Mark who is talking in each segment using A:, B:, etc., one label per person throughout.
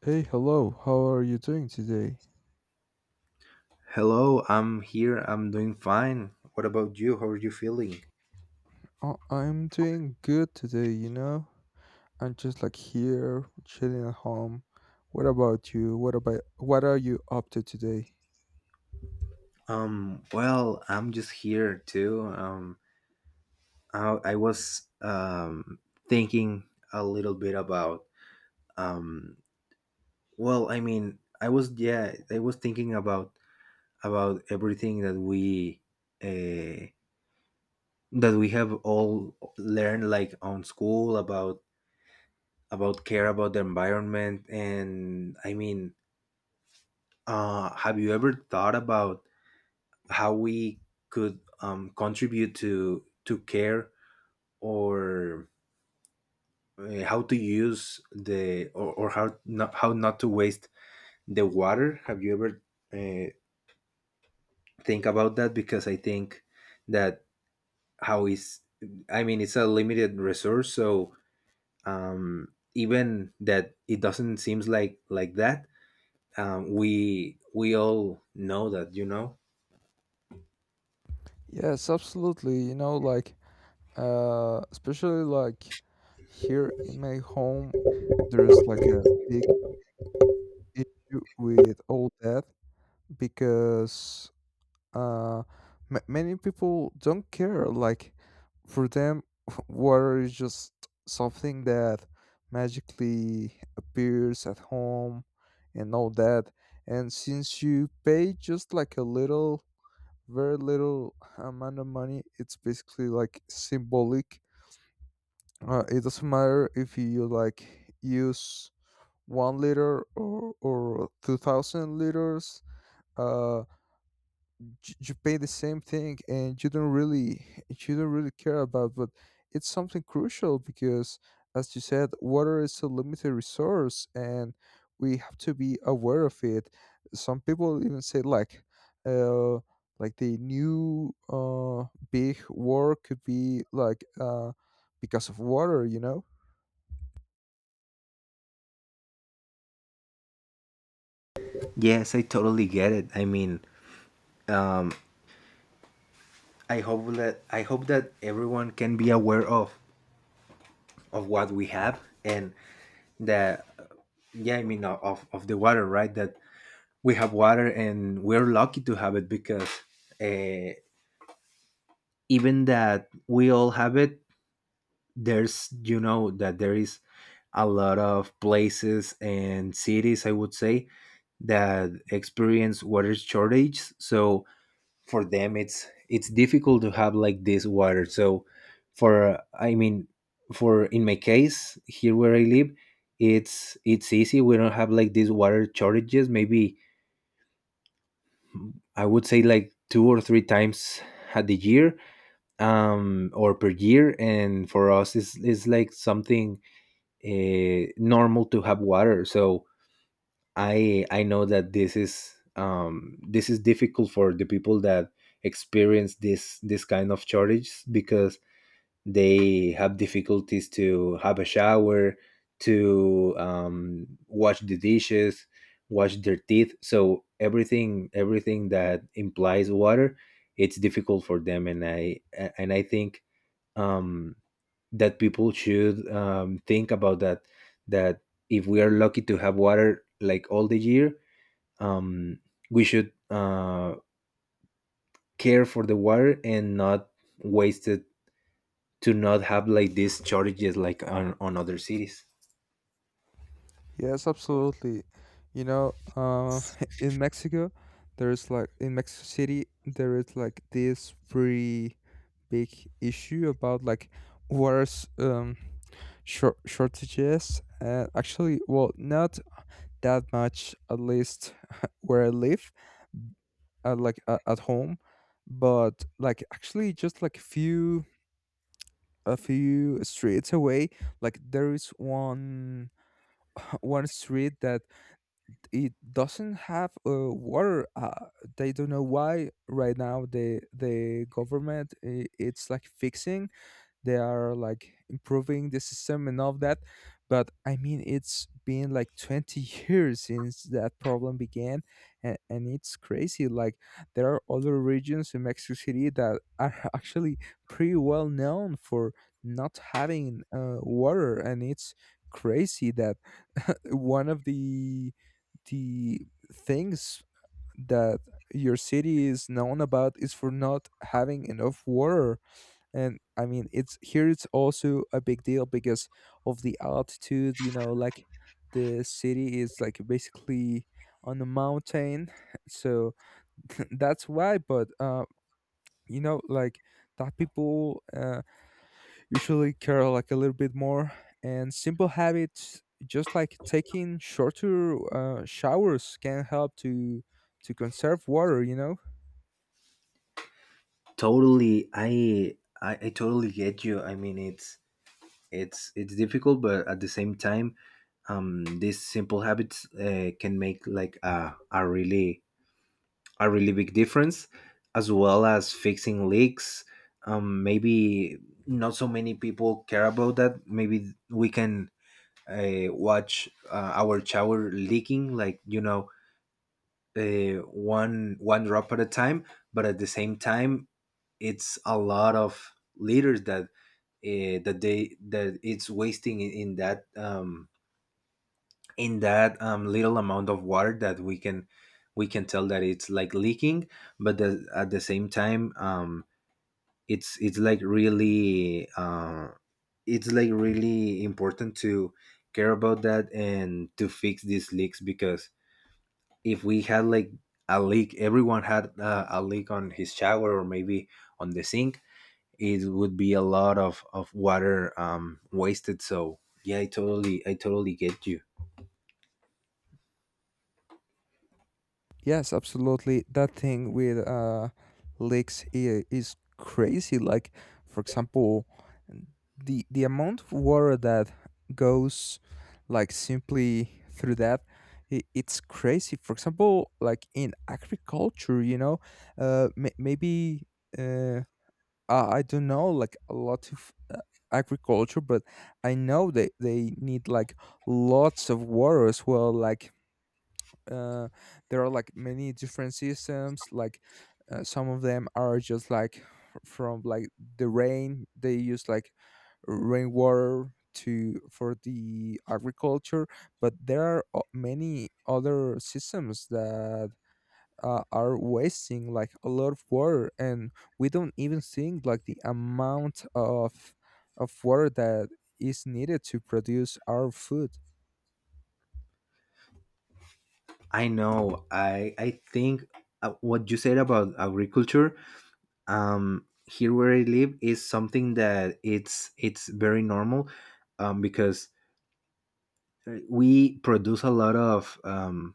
A: Hey, hello, how are you doing today?
B: Hello, I'm here. I'm doing fine. What about you? How are you feeling?
A: Oh, I'm doing good today, you know? I'm just like here, chilling at home. What about you? What are you up to today?
B: I'm just here too. I was thinking a little bit about um I was thinking about everything that we uh have all learned like on school about care about the environment, and have you ever thought about how we could, contribute to care, or how to use the, or how not to waste the water? Have you ever uh, think about that? Because I think that how is I mean it's a limited resource, so, um, even that it doesn't seems like that, we all know that, you know.
A: Yes, absolutely. You know, like especially like here in my home, there's like a big issue with all that because uh ma many people don't care. Like for them, water is just something that magically appears at home and all that, and since you pay just like a little very little amount of money, it's basically like symbolic. It doesn't matter if you like use 1 liter or 2000 liters. Uh you pay the same thing and you don't really you don't really care about, but it's something crucial because as you said water is a limited resource and we have to be aware of it. Some people even say uh like the new big war could be like because of water, you know.
B: Yes, I totally get it. I mean, I hope that everyone can be aware of what we have and the yeah I mean of the water, right? That we have water and we're lucky to have it because, uh, even that we all have it, there's, you know that there is a lot of places and cities, I would say, that experience water shortages. So for them it's difficult to have like this water. So for I mean for in my case here where I live, it's easy. We don't have like these water shortages. Maybe I would say like two or three times at the year, or per year, and for us it's like something normal to have water. So I know that this is difficult for the people that experience this kind of shortage, because they have difficulties to have a shower, to wash the dishes, wash their teeth. So everything that implies water, it's difficult for them. And I think um, that people should think about that if we are lucky to have water like all the year, um, we should care for the water and not waste it, to not have like these shortages like on other cities.
A: Yes, absolutely. You know, in Mexico, there's like in Mexico City, there is like this pretty big issue about like water s- um, shortages. Actually, well, not that much, at least where I live, at home, but like actually just like a few streets away, like there is one one street that it doesn't have water. They don't know why right now. The government it's like fixing, they are like improving the system and all of that, but I mean it's been like 20 years since that problem began, and it's crazy. Like there are other regions in Mexico City that are actually pretty well known for not having water, and it's crazy that one of the things that your city is known about is for not having enough water. And I mean, it's here, it's also a big deal because of the altitude, you know, like the city is like basically on a mountain so that's why. But you know, like that people usually care like a little bit more, and simple habits just like taking shorter showers can help to conserve water, you know.
B: Totally. I totally get you. I mean it's difficult, but at the same time, these simple habits can make like a really big difference, as well as fixing leaks. Maybe not so many people care about that. Maybe we can watch, our shower leaking, like, you know, one drop at a time, but at the same time it's a lot of liters that, that they, that it's wasting in, in that little amount of water that we can, we can tell that it's like leaking. But at the same time, it's like really it's like really important to care about that and to fix these leaks, because if we had like a leak, everyone had a leak on his shower, or maybe on the sink, it would be a lot of water wasted. So yeah, I totally get you.
A: Yes, absolutely. That thing with leaks is crazy. Like, for example, the amount of water that goes like simply through that, I it's crazy. For example, like in agriculture, you know, maybe uh, I don't know, like a lot of agriculture, but I know they need like lots of water as well, like uh, there are like many different systems, like some of them are just like from like the rain. They use like rainwater to for the agriculture, but there are many other systems that are wasting like a lot of water, and we don't even think like the amount of water that is needed to produce our food.
B: I know. I think what you said about agriculture, here where I live is something that it's very normal, because, we produce a lot of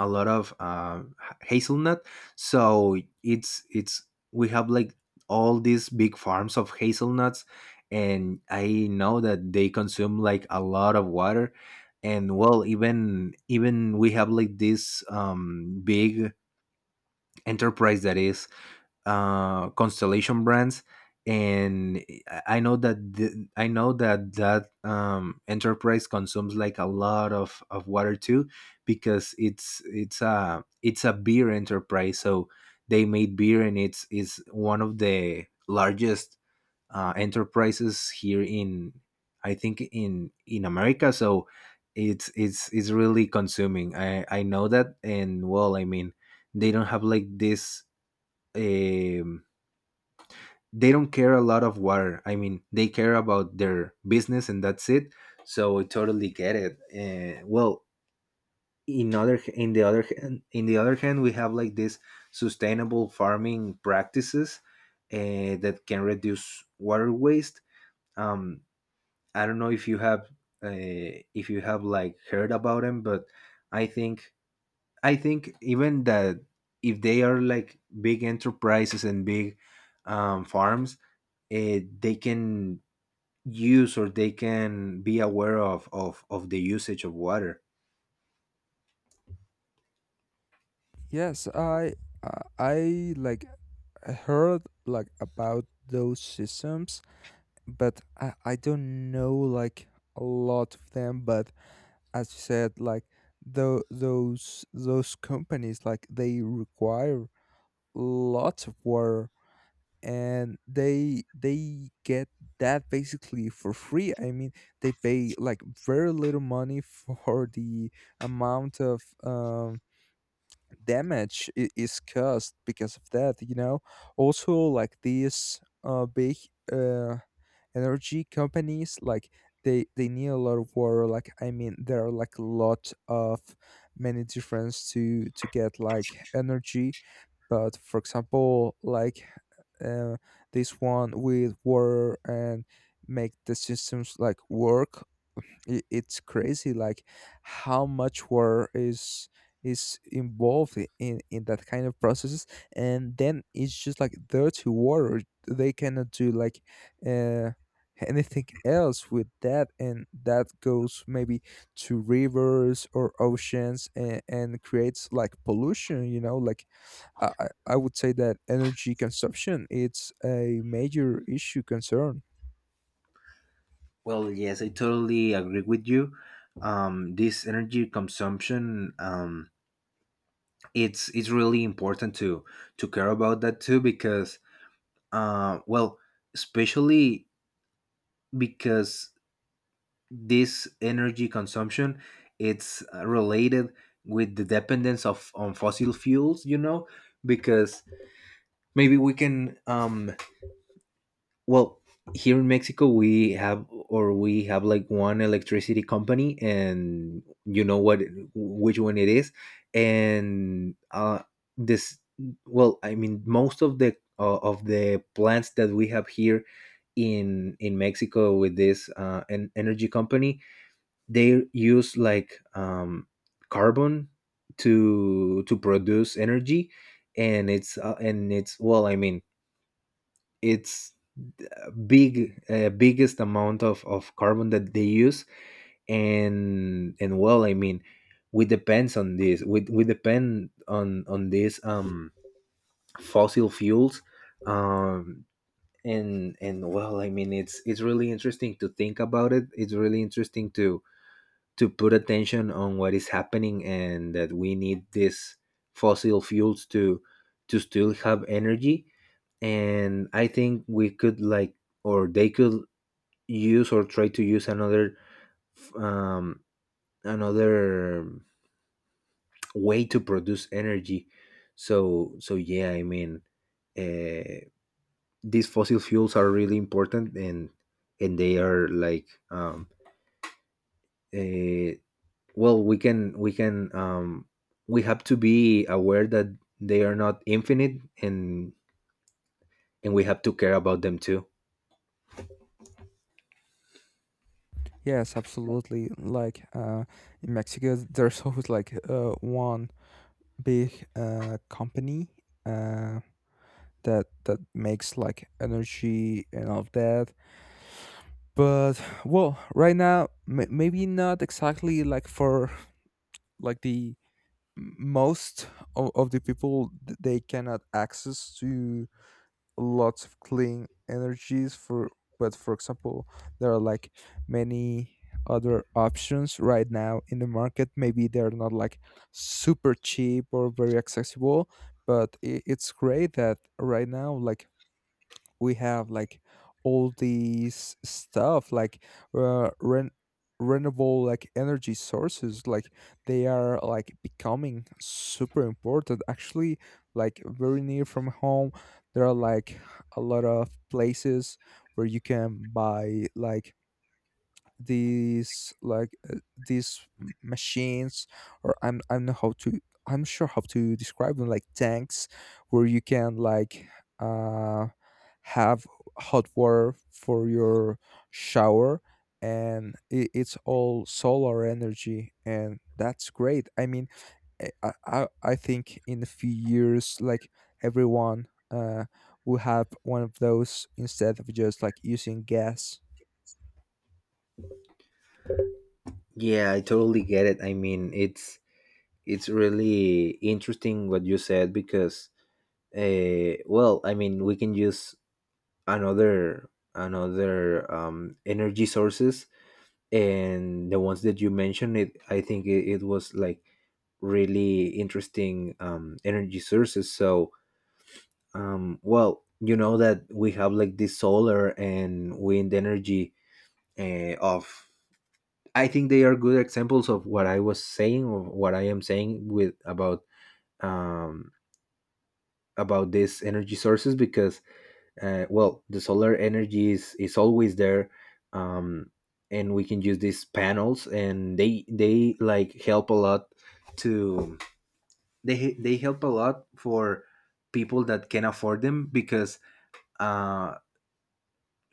B: a lot of uh, hazelnut. So it's we have like all these big farms of hazelnuts, and I know that they consume like a lot of water. And well, even we have like this big enterprise that is, Constellation Brands, and I know I know that that enterprise consumes like a lot of water too, because it's a beer enterprise, so they made beer, and it's is one of the largest enterprises here in, I think, in America, so. It's it's really consuming. I know that, and well, I mean, they don't have like this um they don't care a lot of water. I mean, they care about their business and that's it. So I totally get it. Well, in the other hand, we have like this sustainable farming practices that can reduce water waste. Um, I don't know if you have like heard about them, but I think I think even that if they are like big enterprises and big, farms, they can use, or they can be aware of of the usage of water.
A: Yes, I like heard like about those systems, but I don't know like a lot of them. But as you said, like those companies, like they require lots of water, and they get that basically for free. I mean they pay like very little money for the amount of damage is caused because of that, you know. Also like these big uh energy companies, like they need a lot of water. Like I mean there are like a lot of many difference to get like energy, but for example, like uh, this one with water, and make the systems like work, it's crazy, like how much work is involved in that kind of processes, and then it's just like dirty water. They cannot do like uh anything else with that, and that goes maybe to rivers or oceans, and creates like pollution, you know. Like I would say that energy consumption it's a major issue concern.
B: Well, yes, I totally agree with you. This energy consumption, it's really important to care about that too, because, uh, well especially because this energy consumption, it's related with the dependence of on fossil fuels, you know, because maybe we can well, here in Mexico we have, or we have like one electricity company, and you know what, which one it is. And this. Well, I mean, most of the plants that we have here in Mexico with this, an energy company, they use like carbon to produce energy, and it's and it's, well, I mean it's, big biggest amount of carbon that they use. And well, I mean, we depend on these fossil fuels. um and well, I mean, it's really interesting to think about it. It's really interesting to put attention on what is happening, and that we need these fossil fuels to still have energy. And I think we could like, or they could, use or try to use another, um another way to produce energy. So so yeah, I mean, uh, these fossil fuels are really important, and they are like uh. well, we can we have to be aware that they are not infinite, and we have to care about them too.
A: Yes, absolutely. Like in Mexico, there's always like one big company uh, that makes like energy and all of that. But well, right now, maybe not exactly like for like the most of the people they cannot access to lots of clean energies for. But for example, there are like many other options right now in the market. Maybe they're not like super cheap or very accessible, but it's great that right now like we have like all these stuff like uh, ren- renewable like energy sources, like they are like becoming super important. Actually, like very near from home, there are like a lot of places where you can buy like these, like these machines, or I'm not sure how to describe them, like tanks, where you can like uh have hot water for your shower. And it, it's all solar energy, and that's great. I mean, I think in a few years like everyone will have one of those instead of just like using gas.
B: Yeah, I totally get it. I mean, it's really interesting what you said, because, well I mean we can use another, energy sources, and the ones that you mentioned it, I think it was like really interesting energy sources. So, um, well, you know that we have like this solar and wind energy, of. I think they are good examples of what I was saying, or what I am saying with about, um, about these energy sources, because, well, the solar energy is always there, um, and we can use these panels, and they like help a lot to they help a lot for people that can afford them. Because uh.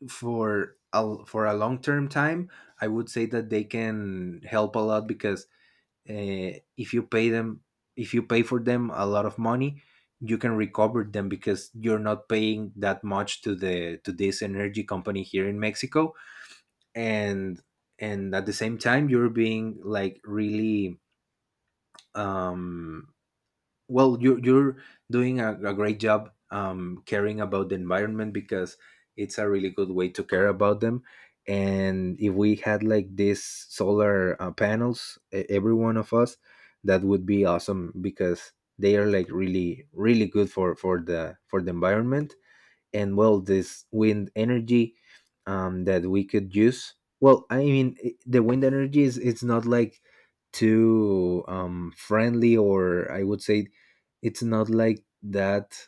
B: For for a long term time, I would say that they can help a lot, because, uh, if you pay them, if you pay for them a lot of money, you can recover them, because you're not paying that much to the to this energy company here in Mexico, and and at the same time you're being like really, um you're doing a great job, caring about the environment, because it's a really good way to care about them. And if we had like these solar, panels, every one of us, that would be awesome, because they are like really really good for for the environment. And well, this wind energy, that we could use, well I mean the wind energy, is it's not like too, friendly, or I would say it's not like that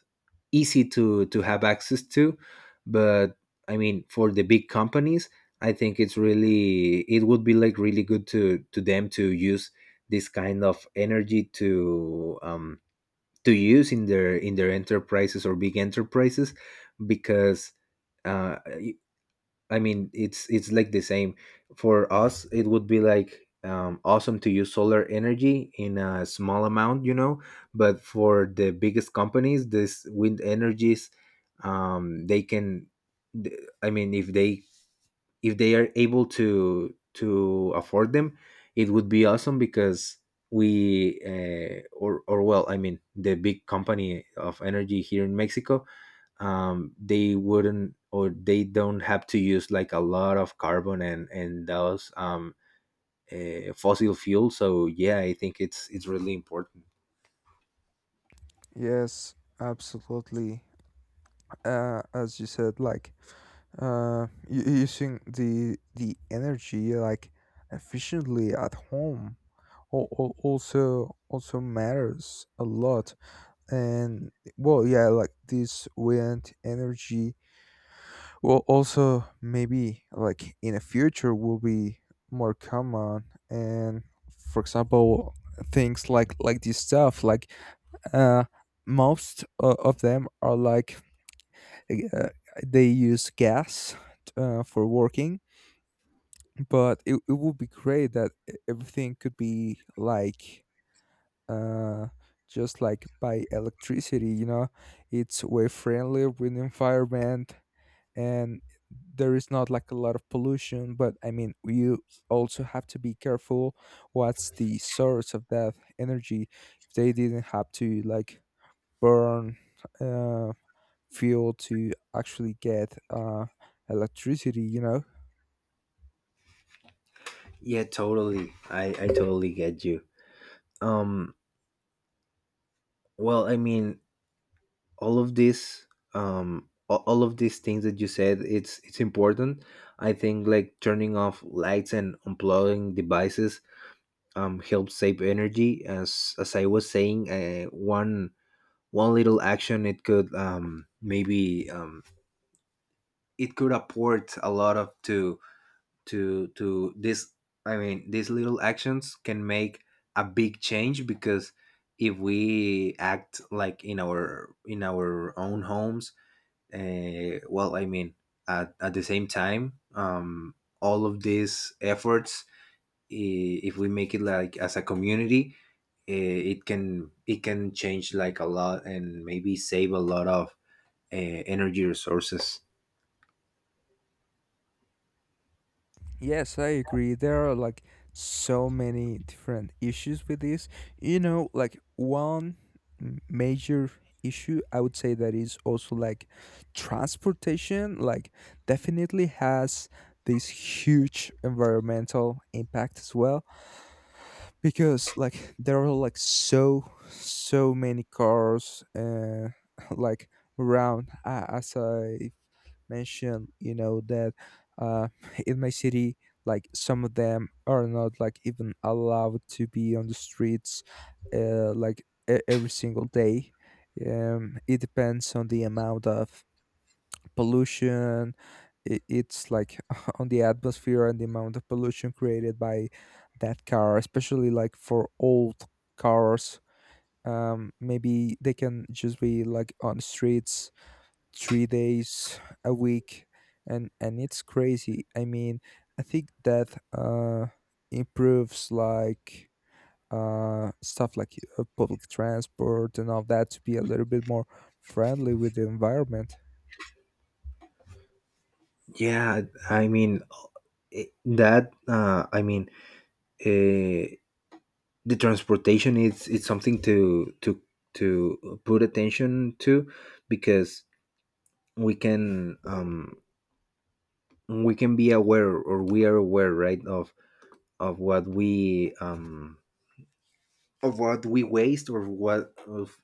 B: easy to have access to. But I mean, for the big companies, I think it's really, it would be like really good to them to use this kind of energy to use in their enterprises, or big enterprises, because, uh I mean, it's like the same for us. It would be like, awesome to use solar energy in a small amount, you know. But for the biggest companies, this wind energies, um, they can. I mean, if they are able to afford them, it would be awesome, because we or well, I mean, the big company of energy here in Mexico, they wouldn't, or they don't have to use like a lot of carbon, and those, fossil fuel. So yeah, I think it's really important.
A: Yes, absolutely. As you said, like using the energy like efficiently at home also matters a lot. And well, yeah, like this wind energy will also maybe like in the future will be more common. And for example, things like this stuff like uh most of them are like uh, they use gas for working. But it would be great that everything could be like uh just like by electricity, you know. It's way friendlier with the environment, and there is not like a lot of pollution, but I mean you also have to be careful what's the source of that energy, if they didn't have to like burn uh fuel to actually get electricity, you know?
B: Yeah, totally. I totally get you. Um, well, I mean, all of this, all of these things that you said, it's important. I think like turning off lights and unplugging devices helps save energy. As I was saying, one little action, it could maybe it could apport a lot of to to this. I mean these little actions can make a big change, because if we act like in our own homes. Well, I mean, at the same time, all of these efforts, if we make it like as a community, it can, it can change like a lot and maybe save a lot of energy resources.
A: Yes, I agree. There are like so many different issues with this. You know, like one major issue I would say that is also like transportation, like definitely has this huge environmental impact as well, because like there are like so many cars like around, as I mention you know that uh, in my city, like some of them are not like even allowed to be on the streets like every single day. It depends on the amount of pollution it's like on the atmosphere, and the amount of pollution created by that car, especially like for old cars. Maybe they can just be like on the streets 3 days a week, and it's crazy. I mean I think that improves like stuff like public transport and all that to be a little bit more friendly with the environment.
B: Yeah, I mean, that. I mean, uh, the transportation, is, it's something to to put attention to, because we can, we can be aware, or we are aware, right, of what we, of what we waste, or what of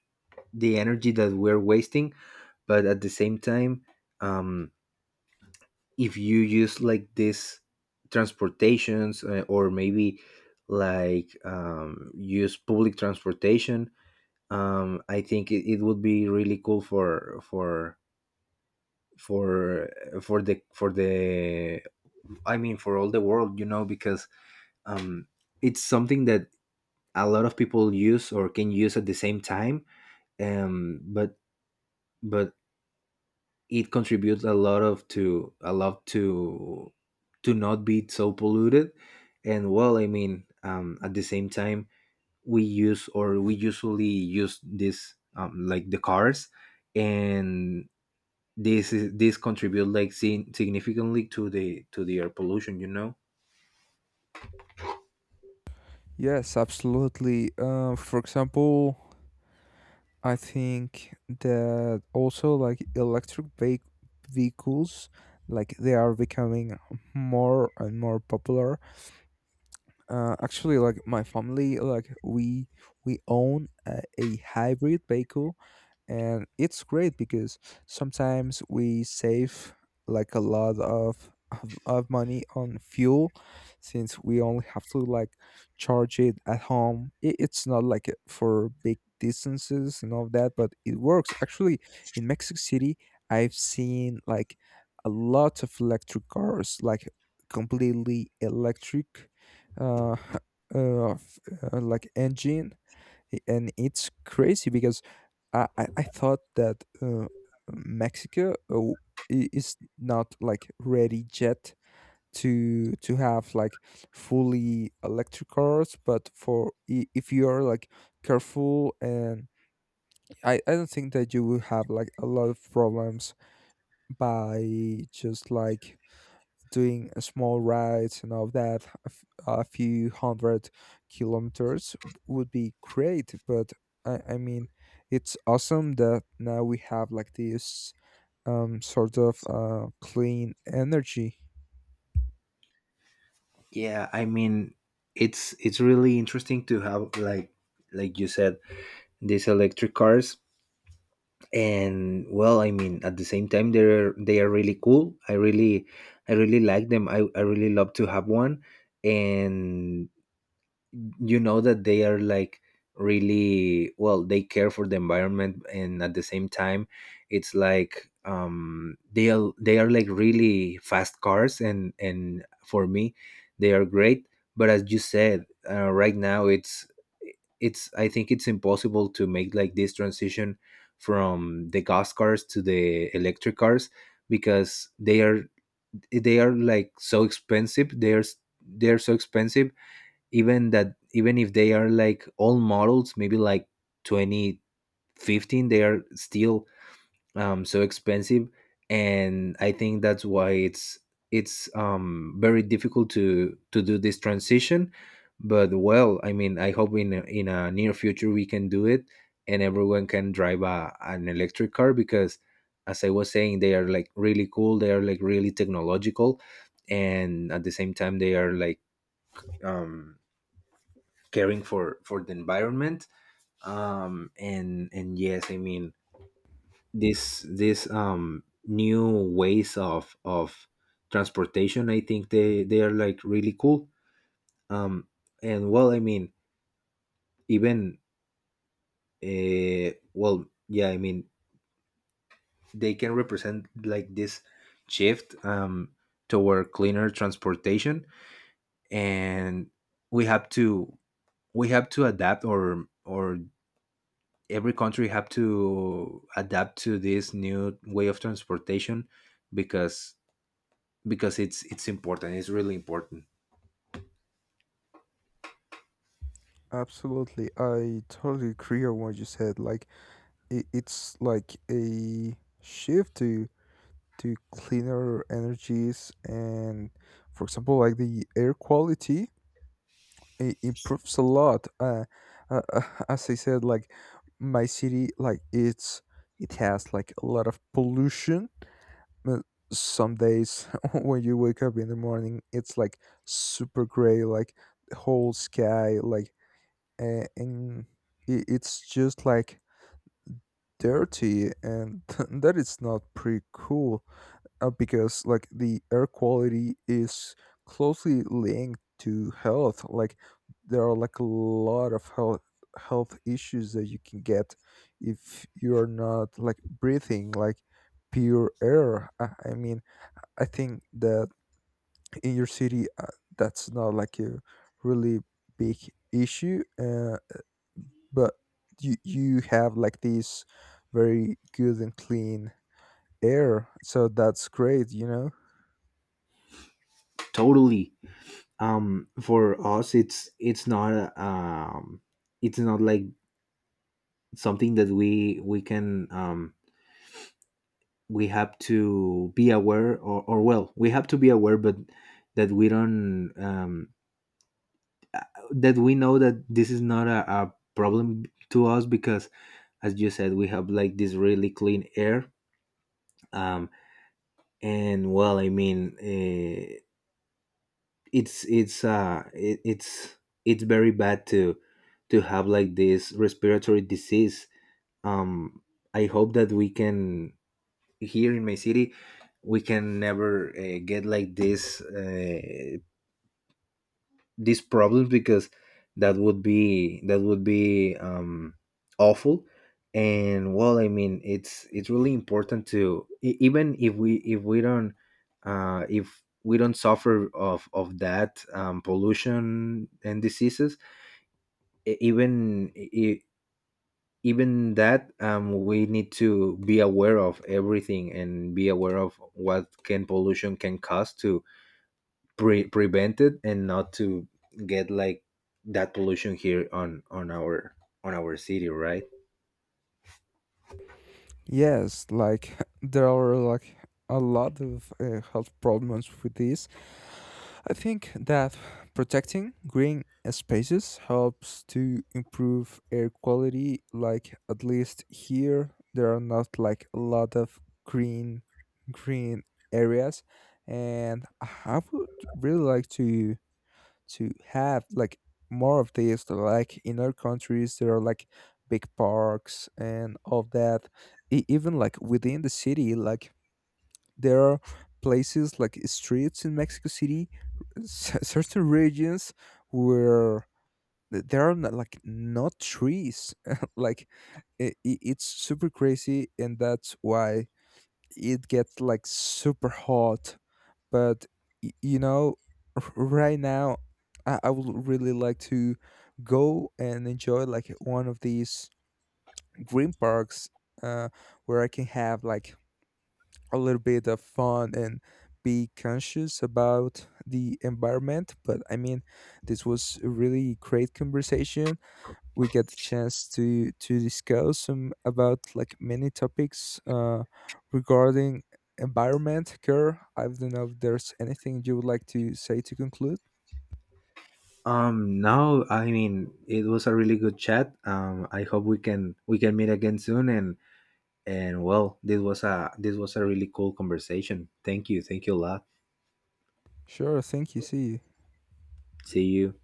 B: the energy that we're wasting. But at the same time. Um, if you use like this transportations, or maybe like, use public transportation. I think it would be really cool for for for the for the, I mean for all the world, because um, it's something that a lot of people use or can use at the same time. Um, but but it contributes a lot of, to a lot, to not be so polluted. And well, I mean, at the same time, we use, or we usually use this, like the cars, and this is, this contribute like significantly to the, to the air pollution,
A: Yes, absolutely. For example, I think that also like electric vehicles, like they are becoming more and more popular. Actually, like my family, like we own a hybrid vehicle, and it's great because sometimes we save like a lot of money on fuel, since we only have to like charge it at home. It's not like it for big distances and all that, but it works. Actually in Mexico City, I've seen like a lot of electric cars, like completely electric uh, uh, f- like engine. And it's crazy because I thought that Mexico is not like ready yet to have like fully electric cars. But for if you are like careful, and I don't think that you will have like a lot of problems by just like doing a small rides and all that, a few hundred kilometers would be great. But I mean, it's awesome that now we have like this sort of clean energy.
B: yeah, I mean, it's really interesting to have like you said, these electric cars. And well, I mean, at the same time, they are really cool. I really like them. I really love to have one. And you know that they are like really, well, they care for the environment. And at the same time, it's like, they are, they are like really fast cars, and for me, they are great. But as you said, right now, it's, I think it's impossible to make like this transition from the gas cars to the electric cars, because they are, they are like so expensive, they're so expensive. Even that, even if they are like all models, maybe like 2015, they are still, so expensive. And I think that's why it's, very difficult to do this transition. But well, I mean, I hope in in a near future we can do it, and everyone can drive an electric car. Because as I was saying, they are like really cool, they are like really technological. And at the same time, they are like, um caring for the environment. And yes, I mean, this, this new ways of transportation, I think they are like really cool. um and well, I mean, even, yeah, I mean, they can represent like this shift, toward cleaner transportation. And we have to, we have to adapt, or every country have to adapt to this new way of transportation. because because it's important, it's really important.
A: Absolutely. I totally agree on what you said. Like it's like a shift to cleaner energies, and for example like the air quality it improves a lot. Uh, uh, as I said, like my city, like it has like a lot of pollution. Uh, Some days when you wake up in the morning, it's like super gray, like the whole sky, like and it's just like dirty, and that is not pretty cool because like the air quality is closely linked to health, like there are like a lot of health issues that you can get if you are not like breathing like pure air. I mean I think that in your city that's not like a really big issue, but you have like this very good and clean air, so that's great, you know.
B: Totally. For us, it's not, it's not like something that we can, we have to be aware, or well, we have to be aware, but that we don't, uh, that we know that this is not a problem to us, because as you said, we have like this really clean air. um and well, I mean, it's, it's very bad to have like this respiratory disease. um I hope that we can, here in my city, we can never, get like this, these problems, because that would be, that would be, awful. And well, I mean, it's really important to, even if we, if we don't, if we don't suffer of that, pollution and diseases. e- even e- e, Even that, we need to be aware of everything, and be aware of what can pollution can cause, to prevent it, and not to get like that pollution here on our on our city, right?
A: Yes, like there are like a lot of health problems with this. I think that protecting green spaces helps to improve air quality. Like at least here, there are not like a lot of green green areas, and I would really like to have like more of this, like in our countries there are like big parks and all that. Even like within the city, like there are places like streets in Mexico City, certain regions where there are not, like not trees like i i- it's super crazy and that's why it gets like super hot. But you know, right now I would really like to go and enjoy like one of these green parks uh, where I can have like a little bit of fun and be conscious about the environment. But I mean this was a really great conversation. We get the chance to discuss some about like many topics regarding environment care. I don't know if there's anything you would like to say to conclude.
B: Now, I mean, it was a really good chat. I hope we can, we can meet again soon. And well, this was a, this was a really cool conversation. Thank you, thank you a lot.
A: Sure, thank you. See you.
B: See you.